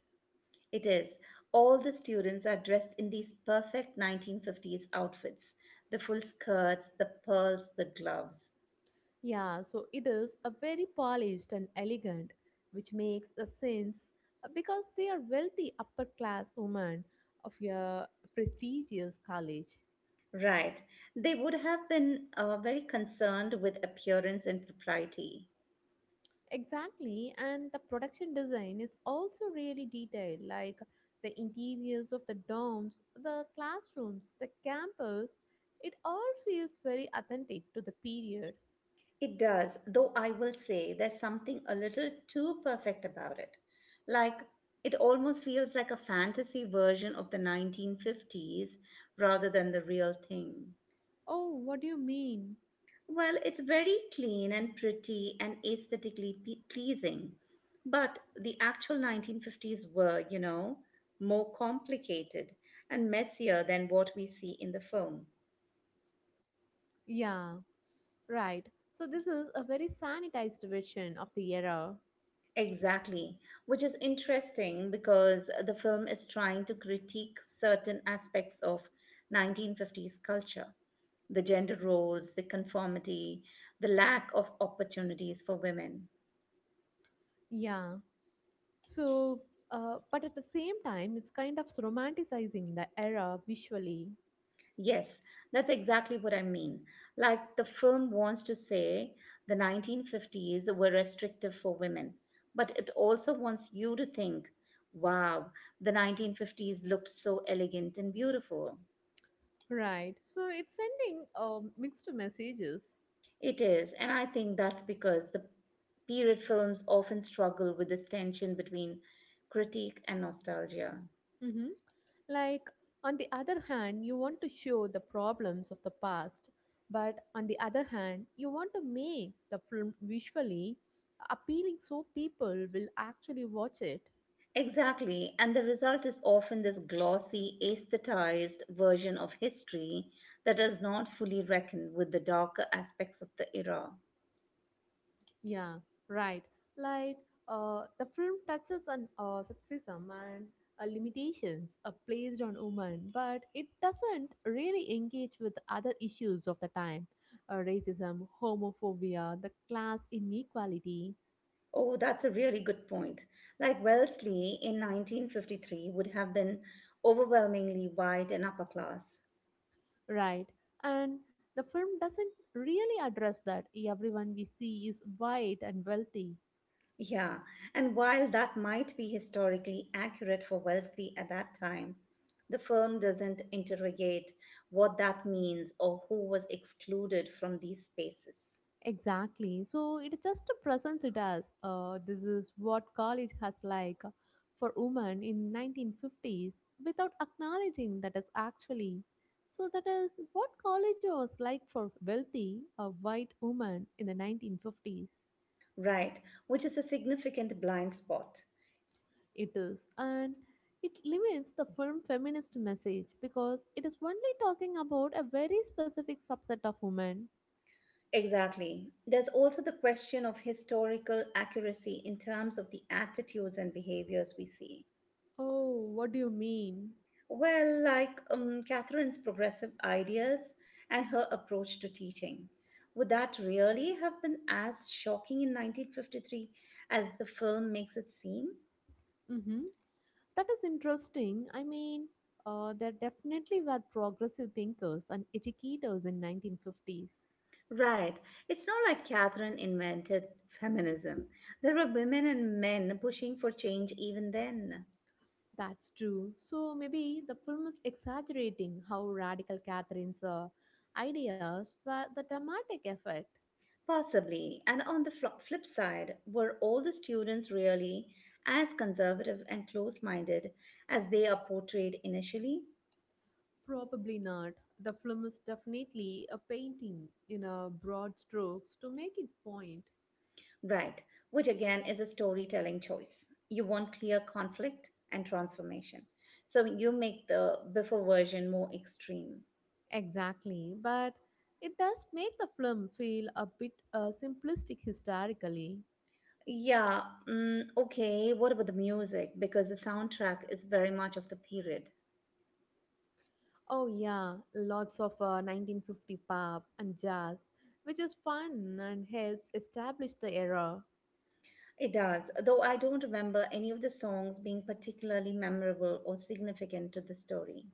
[SPEAKER 1] It is. All the students are dressed in these perfect 1950s outfits, the full skirts, the pearls, the gloves.
[SPEAKER 2] Yeah, so it is a very polished and elegant, which makes a sense because they are wealthy upper class women of a prestigious college.
[SPEAKER 1] Right. They would have been very concerned with appearance and propriety.
[SPEAKER 2] Exactly, and the production design is also really detailed, like the interiors of the domes, the classrooms, the campus. It all feels very authentic to the period.
[SPEAKER 1] It does, though I will say there's something a little too perfect about it. Like, it almost feels like a fantasy version of the 1950s rather than the real thing.
[SPEAKER 2] Oh, what do you mean?
[SPEAKER 1] Well, it's very clean and pretty and aesthetically pleasing. But the actual 1950s were, more complicated and messier than what we see in the film.
[SPEAKER 2] Yeah, right. So, this is a very sanitized version of the era.
[SPEAKER 1] Exactly, which is interesting because the film is trying to critique certain aspects of 1950s culture, the gender roles, the conformity, the lack of opportunities for women.
[SPEAKER 2] Yeah. So, but at the same time, it's kind of romanticizing the era visually.
[SPEAKER 1] Yes, that's exactly what I mean. Like the film wants to say the 1950s were restrictive for women, but it also wants you to think, wow, the 1950s looked so elegant and beautiful.
[SPEAKER 2] Right. So, it's sending mixed messages.
[SPEAKER 1] It is, and I think that's because the period films often struggle with this tension between critique and nostalgia.
[SPEAKER 2] hmm Like, on the other hand, you want to show the problems of the past, but on the other hand, you want to make the film visually appealing so people will actually watch it.
[SPEAKER 1] Exactly, and the result is often this glossy, aesthetized version of history that does not fully reckon with the darker aspects of the era.
[SPEAKER 2] Yeah, right. Like, the film touches on sexism and limitations placed on women, but it doesn't really engage with other issues of the time racism, homophobia, the class inequality.
[SPEAKER 1] Oh, that's a really good point. Like Wellesley in 1953 would have been overwhelmingly white and upper class.
[SPEAKER 2] Right. And the film doesn't really address that. Everyone we see is white and wealthy.
[SPEAKER 1] Yeah, and while that might be historically accurate for Wellesley at that time, the film doesn't interrogate what that means or who was excluded from these spaces.
[SPEAKER 2] Exactly. So it just presents it as this is what college has like for women in 1950s without acknowledging that is actually. So that is what college was like for wealthy, a white woman in the 1950s.
[SPEAKER 1] Right, which is a significant blind spot.
[SPEAKER 2] It is. And it limits the film feminist message because it is only talking about a very specific subset of women.
[SPEAKER 1] Exactly. There's also the question of historical accuracy in terms of the attitudes and behaviors we see.
[SPEAKER 2] Oh, what do you mean?
[SPEAKER 1] Well, like Catherine's progressive ideas and her approach to teaching. Would that really have been as shocking in 1953 as the film makes it seem?
[SPEAKER 2] Mm-hmm. That is interesting. I mean, there definitely were progressive thinkers and educators in 1950s.
[SPEAKER 1] Right. It's not like Catherine invented feminism. There were women and men pushing for change even then.
[SPEAKER 2] That's true. So maybe the film is exaggerating how radical Catherine's ideas were the dramatic effect.
[SPEAKER 1] Possibly. And on the flip side, were all the students really as conservative and close minded as they are portrayed initially?
[SPEAKER 2] Probably not. The film is definitely a painting in a broad strokes to make it point.
[SPEAKER 1] Right, which again is a storytelling choice. You want clear conflict and transformation, so you make the before version more extreme.
[SPEAKER 2] Exactly, but it does make the film feel a bit simplistic historically.
[SPEAKER 1] Yeah, okay, what about the music? Because the soundtrack is very much of the period.
[SPEAKER 2] Oh, yeah, lots of 1950 pop and jazz, which is fun and helps establish the era.
[SPEAKER 1] It does, though I don't remember any of the songs being particularly memorable or significant to the story.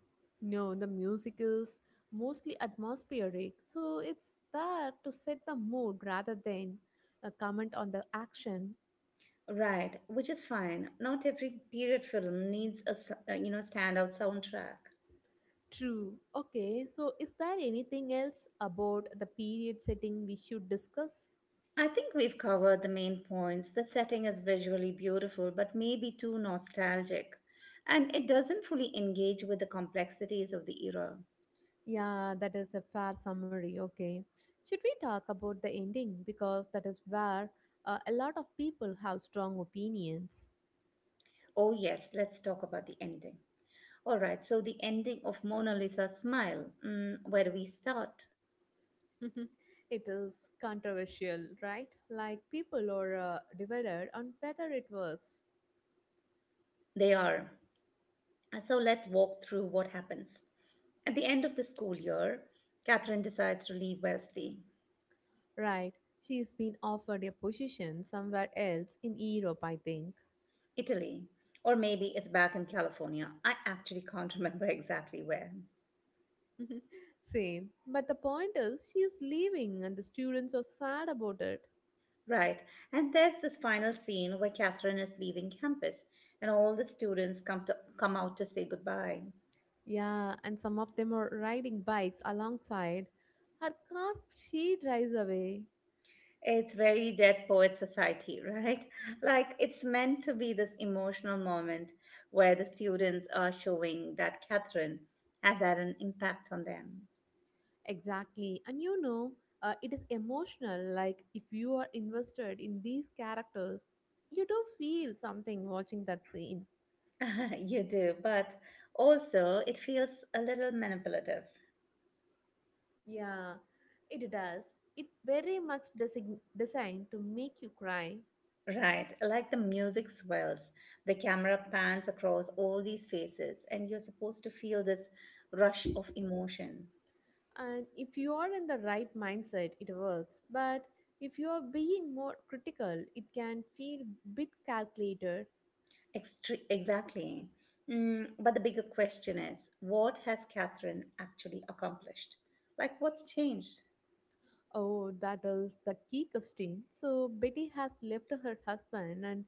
[SPEAKER 2] No, the music is mostly atmospheric, so it's there to set the mood rather than a comment on the action.
[SPEAKER 1] Right, which is fine. Not every period film needs a standout soundtrack.
[SPEAKER 2] True. Okay, so is there anything else about the period setting we should discuss?
[SPEAKER 1] I think we've covered the main points. The setting is visually beautiful, but maybe too nostalgic, and it doesn't fully engage with the complexities of the era.
[SPEAKER 2] Yeah, that is a fair summary. Okay. Should we talk about the ending? Because that is where a lot of people have strong opinions.
[SPEAKER 1] Oh yes, let's talk about the ending. All right, so the ending of Mona Lisa Smile. Where do we start?
[SPEAKER 2] It is controversial, right? Like people are divided on whether it works.
[SPEAKER 1] They are. So let's walk through what happens. At the end of the school year, Catherine decides to leave Wellesley,
[SPEAKER 2] Right. She's been offered a position somewhere else in Europe, I think.
[SPEAKER 1] Italy, or maybe it's back in California. I actually can't remember exactly where.
[SPEAKER 2] Mhm. Same. But the point is, she is leaving, and the students are sad about it.
[SPEAKER 1] Right, and there's this final scene where Catherine is leaving campus and all the students come out to say goodbye.
[SPEAKER 2] Yeah, and some of them are riding bikes alongside her car. She drives away.
[SPEAKER 1] It's very Dead Poet Society, right? Like it's meant to be this emotional moment where the students are showing that Catherine has had an impact on them.
[SPEAKER 2] Exactly. And you know, it is emotional. Like, if you are invested in these characters, you do feel something watching that scene.
[SPEAKER 1] You do, but also it feels a little manipulative,
[SPEAKER 2] Yeah, it does. It very much designed to make you cry.
[SPEAKER 1] right? Like the music swells, the camera pans across all these faces, and you're supposed to feel this rush of emotion.
[SPEAKER 2] And if you are in the right mindset, it works. But if you are being more critical, it can feel bit calculated.
[SPEAKER 1] Exactly. But the bigger question is what has Catherine actually accomplished? Like, what's changed?
[SPEAKER 2] Oh, that is the key question. So Betty has left her husband and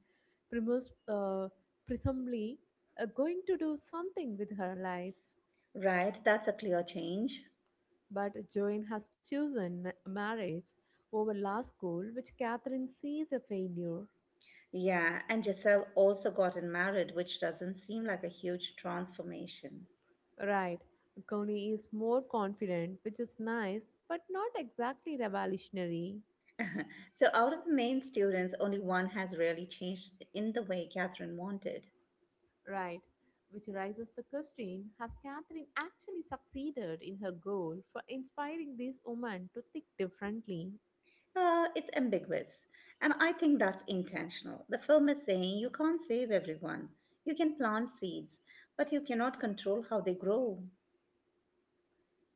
[SPEAKER 2] Primus, presumably going to do something with her life.
[SPEAKER 1] Right? That's a clear change.
[SPEAKER 2] But Joanne has chosen marriage over law school, which Catherine sees a failure.
[SPEAKER 1] Yeah, and Giselle also gotten married, which doesn't seem like a huge transformation.
[SPEAKER 2] Right. Coney is more confident, which is nice, but not exactly revolutionary.
[SPEAKER 1] So, out of the main students, only one has really changed in the way Catherine wanted.
[SPEAKER 2] Right. Which raises the question, has Catherine actually succeeded in her goal for inspiring these women to think differently?
[SPEAKER 1] It's ambiguous, and I think that's intentional. The film is saying you can't save everyone. You can plant seeds, but you cannot control how they grow.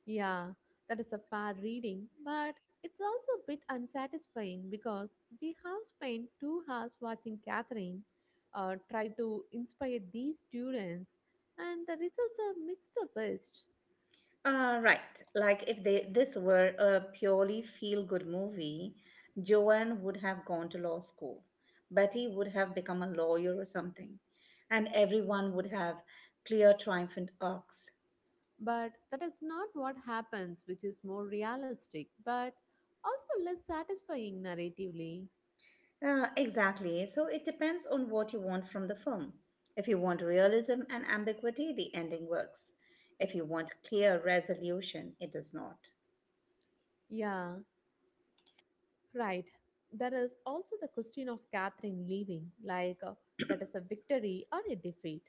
[SPEAKER 2] Yeah, that is a fair reading, but it's also a bit unsatisfying because we have spent 2 hours watching Catherine try to inspire these students, and the results are mixed up best.
[SPEAKER 1] Right, like if they, this were a purely feel good movie, Joanne would have gone to law school. Betty would have become a lawyer or something, and everyone would have clear, triumphant arcs.
[SPEAKER 2] But that is not what happens, which is more realistic, but also less satisfying narratively.
[SPEAKER 1] Exactly. So it depends on what you want from the film. If you want realism and ambiguity, the ending works. If you want clear resolution, it does not.
[SPEAKER 2] Yeah, right. There is also the question of Catherine leaving, like that is a victory or a defeat.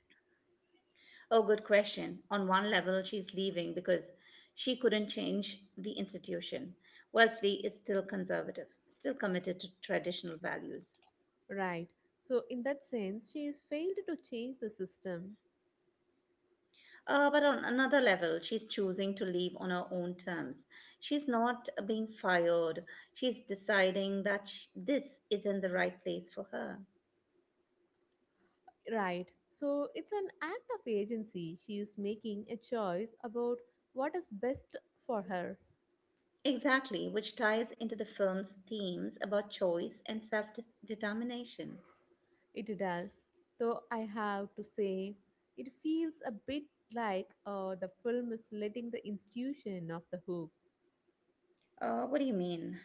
[SPEAKER 1] Oh, good question. On one level, she's leaving because she couldn't change the institution. Wellesley is still conservative, still committed to traditional values.
[SPEAKER 2] Right. So, in that sense, she has failed to change the system.
[SPEAKER 1] But on another level, she's choosing to leave on her own terms. She's not being fired. She's deciding that this isn't the right place for her.
[SPEAKER 2] Right. So, it's an act of agency. She is making a choice about what is best for her.
[SPEAKER 1] Exactly, which ties into the film's themes about choice and self determination.
[SPEAKER 2] It does, though I have to say, it feels a bit like the film is letting the institution off the hook.
[SPEAKER 1] What do you mean?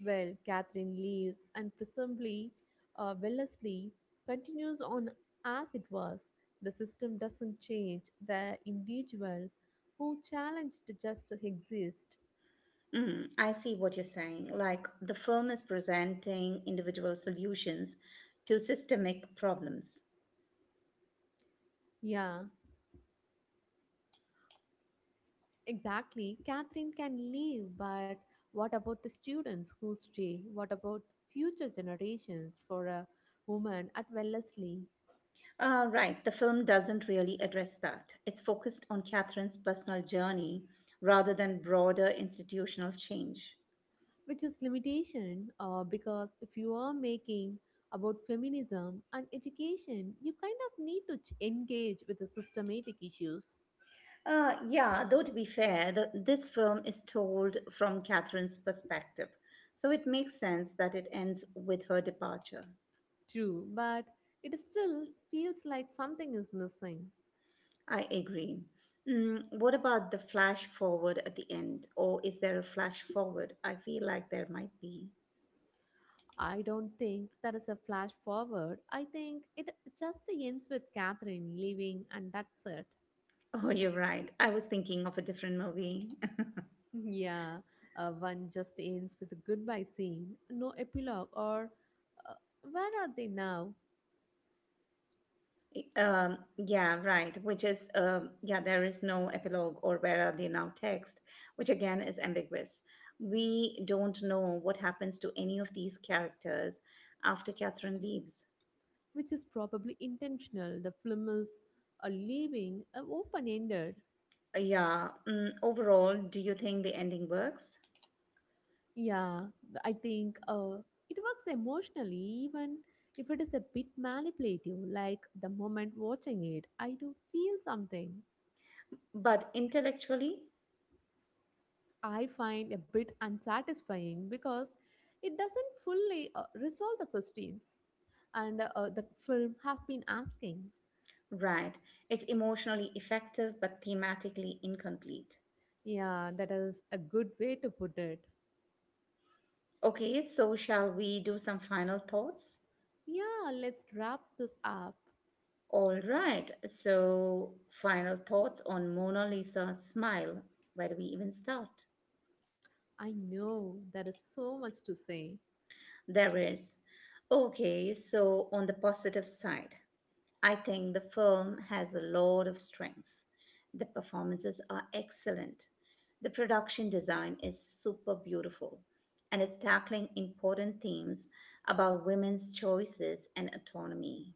[SPEAKER 2] Well, Catherine leaves, and presumably, Wellesley continues on as it was. The system doesn't change, the individual who challenged just exists.
[SPEAKER 1] I see what you're saying. Like, the film is presenting individual solutions to systemic problems.
[SPEAKER 2] Yeah, exactly. Catherine can leave, but what about the students who stay? What about future generations for a woman at Wellesley?
[SPEAKER 1] Right, the film doesn't really address that. It's focused on Catherine's personal journey rather than broader institutional change.
[SPEAKER 2] Which is limitation because if you are making about feminism and education, you kind of need to engage with the systematic issues.
[SPEAKER 1] Yeah, though to be fair, this film is told from Catherine's perspective, so it makes sense that it ends with her departure.
[SPEAKER 2] True, but it still feels like something is missing.
[SPEAKER 1] I agree. What about the flash forward at the end? Or is there a flash forward? I feel like there might be.
[SPEAKER 2] I don't think that is a flash forward. I think it just ends with Catherine leaving, and that's it.
[SPEAKER 1] Oh, you're right. I was thinking of a different movie.
[SPEAKER 2] Yeah, one just ends with a goodbye scene, no epilogue, or uh, where are they now?
[SPEAKER 1] Yeah, right. Which is, yeah, there is no epilogue or where are they now text, which again is ambiguous. We don't know what happens to any of these characters after Catherine leaves.
[SPEAKER 2] Which is probably intentional. The film is leaving open ended.
[SPEAKER 1] Yeah, overall, do you think the ending works?
[SPEAKER 2] Yeah, I think it works emotionally, even if it is a bit manipulative. Like the moment watching it, I do feel something.
[SPEAKER 1] But intellectually,
[SPEAKER 2] I find a bit unsatisfying because it doesn't fully resolve the questions and the film has been asking.
[SPEAKER 1] right. It's emotionally effective, but thematically incomplete.
[SPEAKER 2] Yeah, that is a good way to put it.
[SPEAKER 1] Okay, so shall we do some final thoughts?
[SPEAKER 2] Yeah, let's wrap this up.
[SPEAKER 1] All right. So, final thoughts on Mona Lisa's smile. Where do we even start?
[SPEAKER 2] I know there is so much to say.
[SPEAKER 1] There is. Okay, so on the positive side, I think the film has a lot of strengths. The performances are excellent. The production design is super beautiful. And it's tackling important themes about women's choices and autonomy.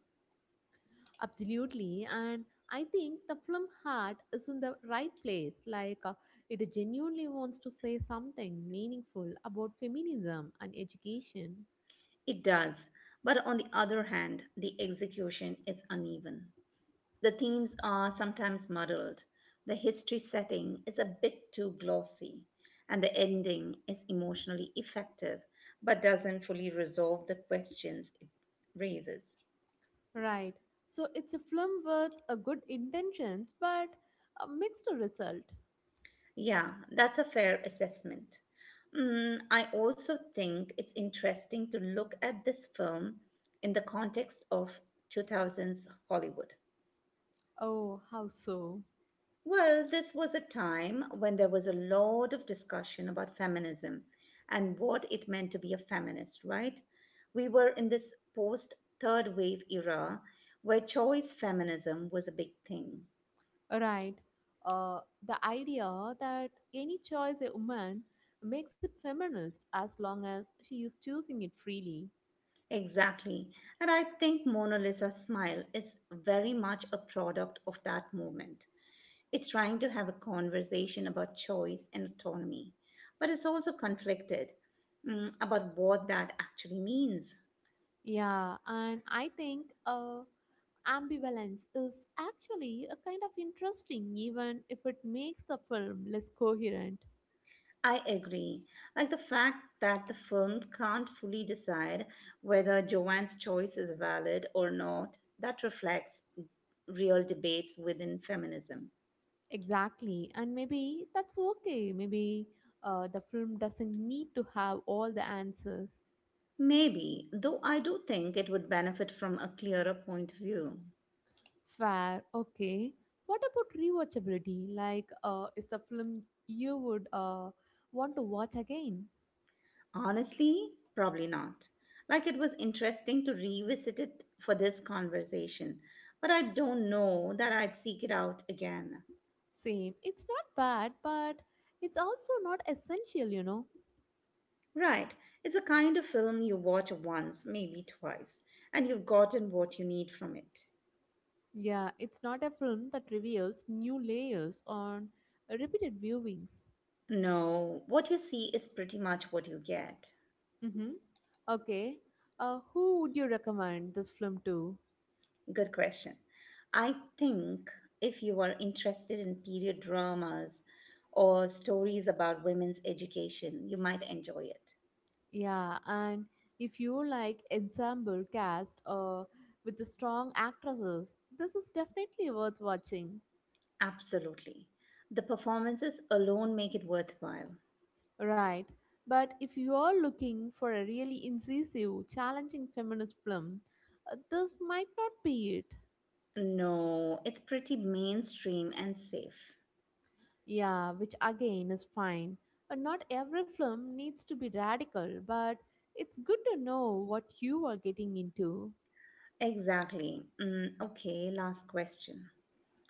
[SPEAKER 2] Absolutely, and I think the film heart is in the right place. Like it genuinely wants to say something meaningful about feminism and education.
[SPEAKER 1] It does. But on the other hand, the execution is uneven. The themes are sometimes muddled, the history setting is a bit too glossy, and the ending is emotionally effective but doesn't fully resolve the questions it raises.
[SPEAKER 2] Right. So it's a film with a good intentions but a mixed result.
[SPEAKER 1] Yeah, that's a fair assessment. I also think it's interesting to look at this film in the context of 2000s Hollywood.
[SPEAKER 2] Oh, how so?
[SPEAKER 1] Well, this was a time when there was a lot of discussion about feminism and what it meant to be a feminist, right? We were in this post third wave era where choice feminism was a big thing.
[SPEAKER 2] Right. Uh, the idea that any choice a woman makes it feminist as long as she is choosing it freely.
[SPEAKER 1] Exactly. And I think Mona Lisa Smile is very much a product of that moment. It's trying to have a conversation about choice and autonomy, but it's also conflicted about what that actually means.
[SPEAKER 2] Yeah, and I think ambivalence is actually a kind of interesting, even if it makes the film less coherent.
[SPEAKER 1] I agree. Like the fact that the film can't fully decide whether Joanne's choice is valid or not, that reflects real debates within feminism.
[SPEAKER 2] Exactly. And maybe that's okay. Maybe the film doesn't need to have all the answers.
[SPEAKER 1] Maybe, though I do think it would benefit from a clearer point of view.
[SPEAKER 2] Fair. Okay. What about rewatchability? Like, is the film you would want to watch again?
[SPEAKER 1] Honestly, probably not. Like it was interesting to revisit it for this conversation, but I don't know that I'd seek it out again.
[SPEAKER 2] Same. It's not bad, but it's also not essential, you know?
[SPEAKER 1] Right. It's a kind of film you watch once, maybe twice, and you've gotten what you need from it.
[SPEAKER 2] Yeah, it's not a film that reveals new layers on repeated viewings.
[SPEAKER 1] No, what you see is pretty much what you get.
[SPEAKER 2] Mm-hmm. Okay. Who would you recommend this film to?
[SPEAKER 1] Good question. I think if you are interested in period dramas or stories about women's education, you might enjoy it.
[SPEAKER 2] Yeah, and if you like ensemble cast with the strong actresses, this is definitely worth watching.
[SPEAKER 1] Absolutely. The performances alone make it worthwhile.
[SPEAKER 2] Right. But if you are looking for a really incisive, challenging feminist film, this might not be it.
[SPEAKER 1] No, it's pretty mainstream and safe.
[SPEAKER 2] Yeah, which again is fine. Not every film needs to be radical, but it's good to know what you are getting into.
[SPEAKER 1] Exactly. Mm, okay, last question.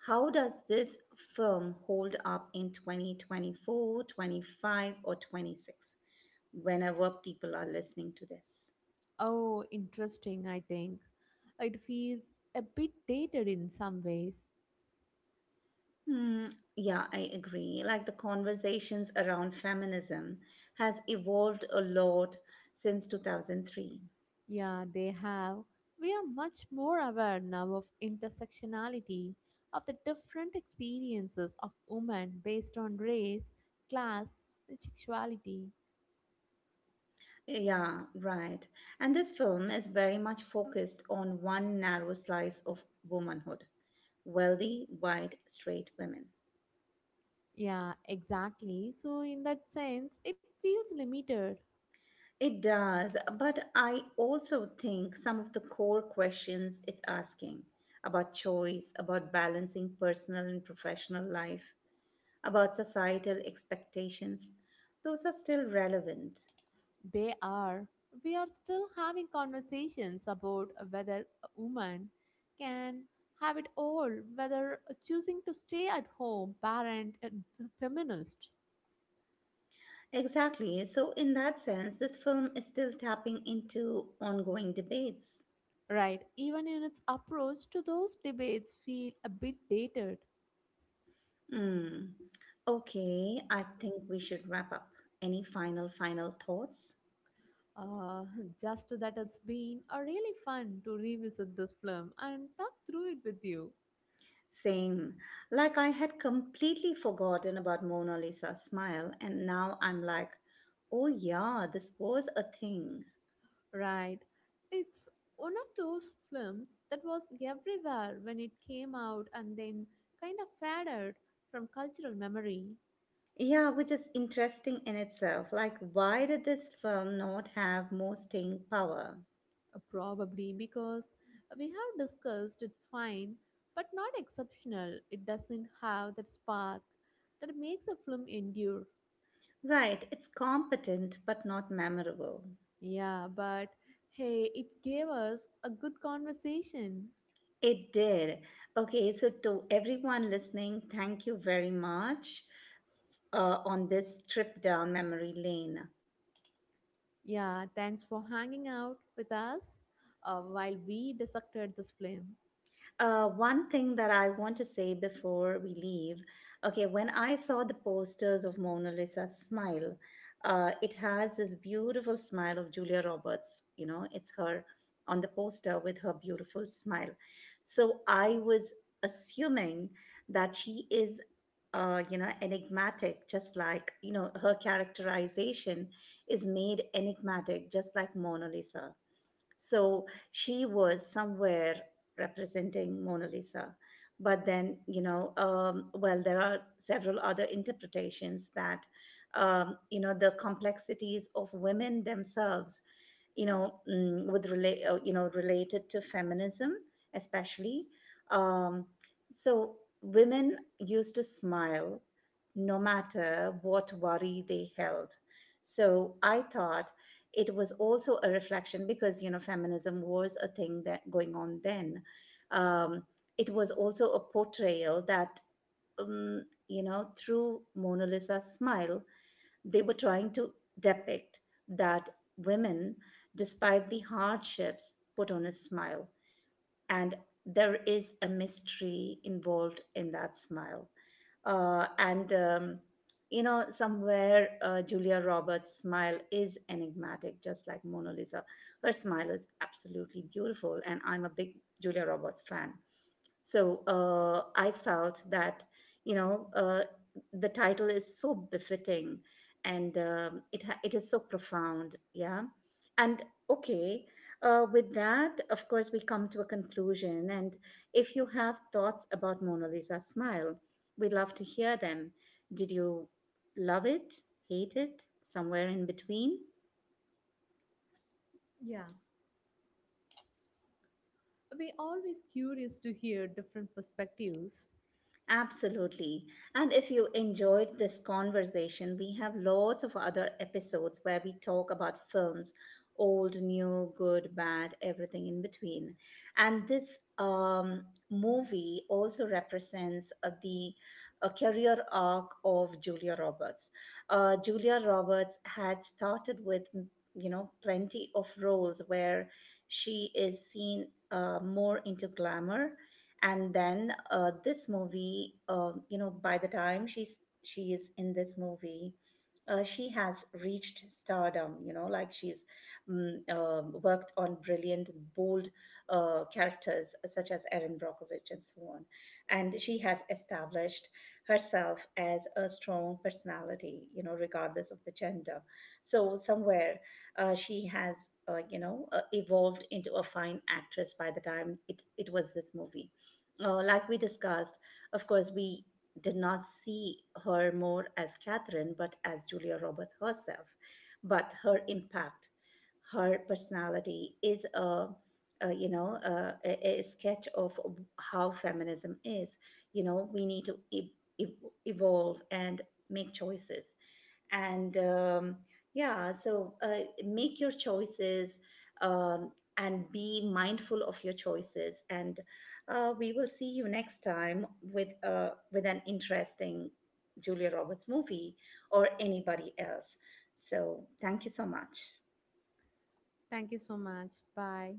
[SPEAKER 1] How does this film hold up in 2024, 25, or 26 whenever people are listening to this?
[SPEAKER 2] Oh, interesting, I think. It feels a bit dated in some ways.
[SPEAKER 1] Hmm, yeah, I agree. Like the conversations around feminism has evolved a lot since 2003.
[SPEAKER 2] Yeah, they have. We are much more aware now of intersectionality, of the different experiences of women based on race, class, and sexuality.
[SPEAKER 1] Yeah, right. And this film is very much focused on one narrow slice of womanhood wealthy, white, straight women.
[SPEAKER 2] Yeah, exactly. So, in that sense, it feels limited.
[SPEAKER 1] It does, but I also think some of the core questions it's asking about choice, about balancing personal and professional life, about societal expectations, those are still relevant.
[SPEAKER 2] They are. We are still having conversations about whether a woman can have it all, whether choosing to stay at home, parent, and feminist,
[SPEAKER 1] Exactly. So, in that sense, this film is still tapping into ongoing debates.
[SPEAKER 2] right? Even in its approach to those debates, feel a bit dated.
[SPEAKER 1] Hmm. Okay, I think we should wrap up. Any final, final thoughts?
[SPEAKER 2] Uh, just that it's been a really fun to revisit this film and talk through it with you.
[SPEAKER 1] Same. Like I had completely forgotten about Mona Lisa's smile, and now I'm like, oh yeah, this was a thing.
[SPEAKER 2] Right. It's one of those films that was everywhere when it came out and then kind of faded from cultural memory,
[SPEAKER 1] Yeah, which is interesting in itself. Like, why did this film not have more staying power?
[SPEAKER 2] probably because we have discussed it fine but not exceptional. It doesn't have that spark that makes a film endure.
[SPEAKER 1] Right, it's competent but not memorable.
[SPEAKER 2] Yeah, but hey, it gave us a good conversation.
[SPEAKER 1] It did. Okay, so to everyone listening, thank you very much on this trip down memory lane.
[SPEAKER 2] Yeah, thanks for hanging out with us while we dissected this film.
[SPEAKER 1] One thing that I want to say before we leave, okay, when I saw the posters of Mona Lisa's smile, it has this beautiful smile of Julia Roberts. You know, it's her on the poster with her beautiful smile. So I was assuming that she is, enigmatic, just like, her characterization is made enigmatic, just like Mona Lisa, so she was somewhere representing Mona Lisa. But then, well, there are several other interpretations that, the complexities of women themselves with relate related to feminism, especially. Um, so women used to smile no matter what worry they held. So I thought it was also a reflection because feminism was a thing that going on then. um, it was also a portrayal that through Mona Lisa's smile they were trying to depict that women, despite the hardships, put on a smile. And there is a mystery involved in that smile. And, somewhere Julia Roberts' smile is enigmatic, just like Mona Lisa. Her smile is absolutely beautiful. And I'm a big Julia Roberts fan. So I felt that, you know, uh, the title is so befitting, and it is so profound. Yeah. And okay, with that, of course, we come to a conclusion. And if you have thoughts about Mona Lisa smile, we'd love to hear them. Did you love it, hate it, somewhere in between?
[SPEAKER 2] Yeah. We're always curious to hear different perspectives.
[SPEAKER 1] Absolutely. And if you enjoyed this conversation, we have lots of other episodes where we talk about films old, new, good, bad, everything in between. And this movie also represents the career arc of Julia Roberts. Julia Roberts had started with plenty of roles where she is seen more into glamour, and then this movie, by the time she is in this movie, she has reached stardom, like she's worked on brilliant and bold characters such as Erin Brockovich and so on, and she has established herself as a strong personality, regardless of the gender. So somewhere she has evolved into a fine actress by the time it was this movie. Like we discussed, of course, we did not see her more as Catherine, but as Julia Roberts herself. But her impact, her personality is a sketch of how feminism is. We need to evolve and make choices, and yeah, so make your choices. And be mindful of your choices, and we will see you next time with an interesting Julia Roberts movie or anybody else. So thank you so much.
[SPEAKER 2] Thank you so much. Bye.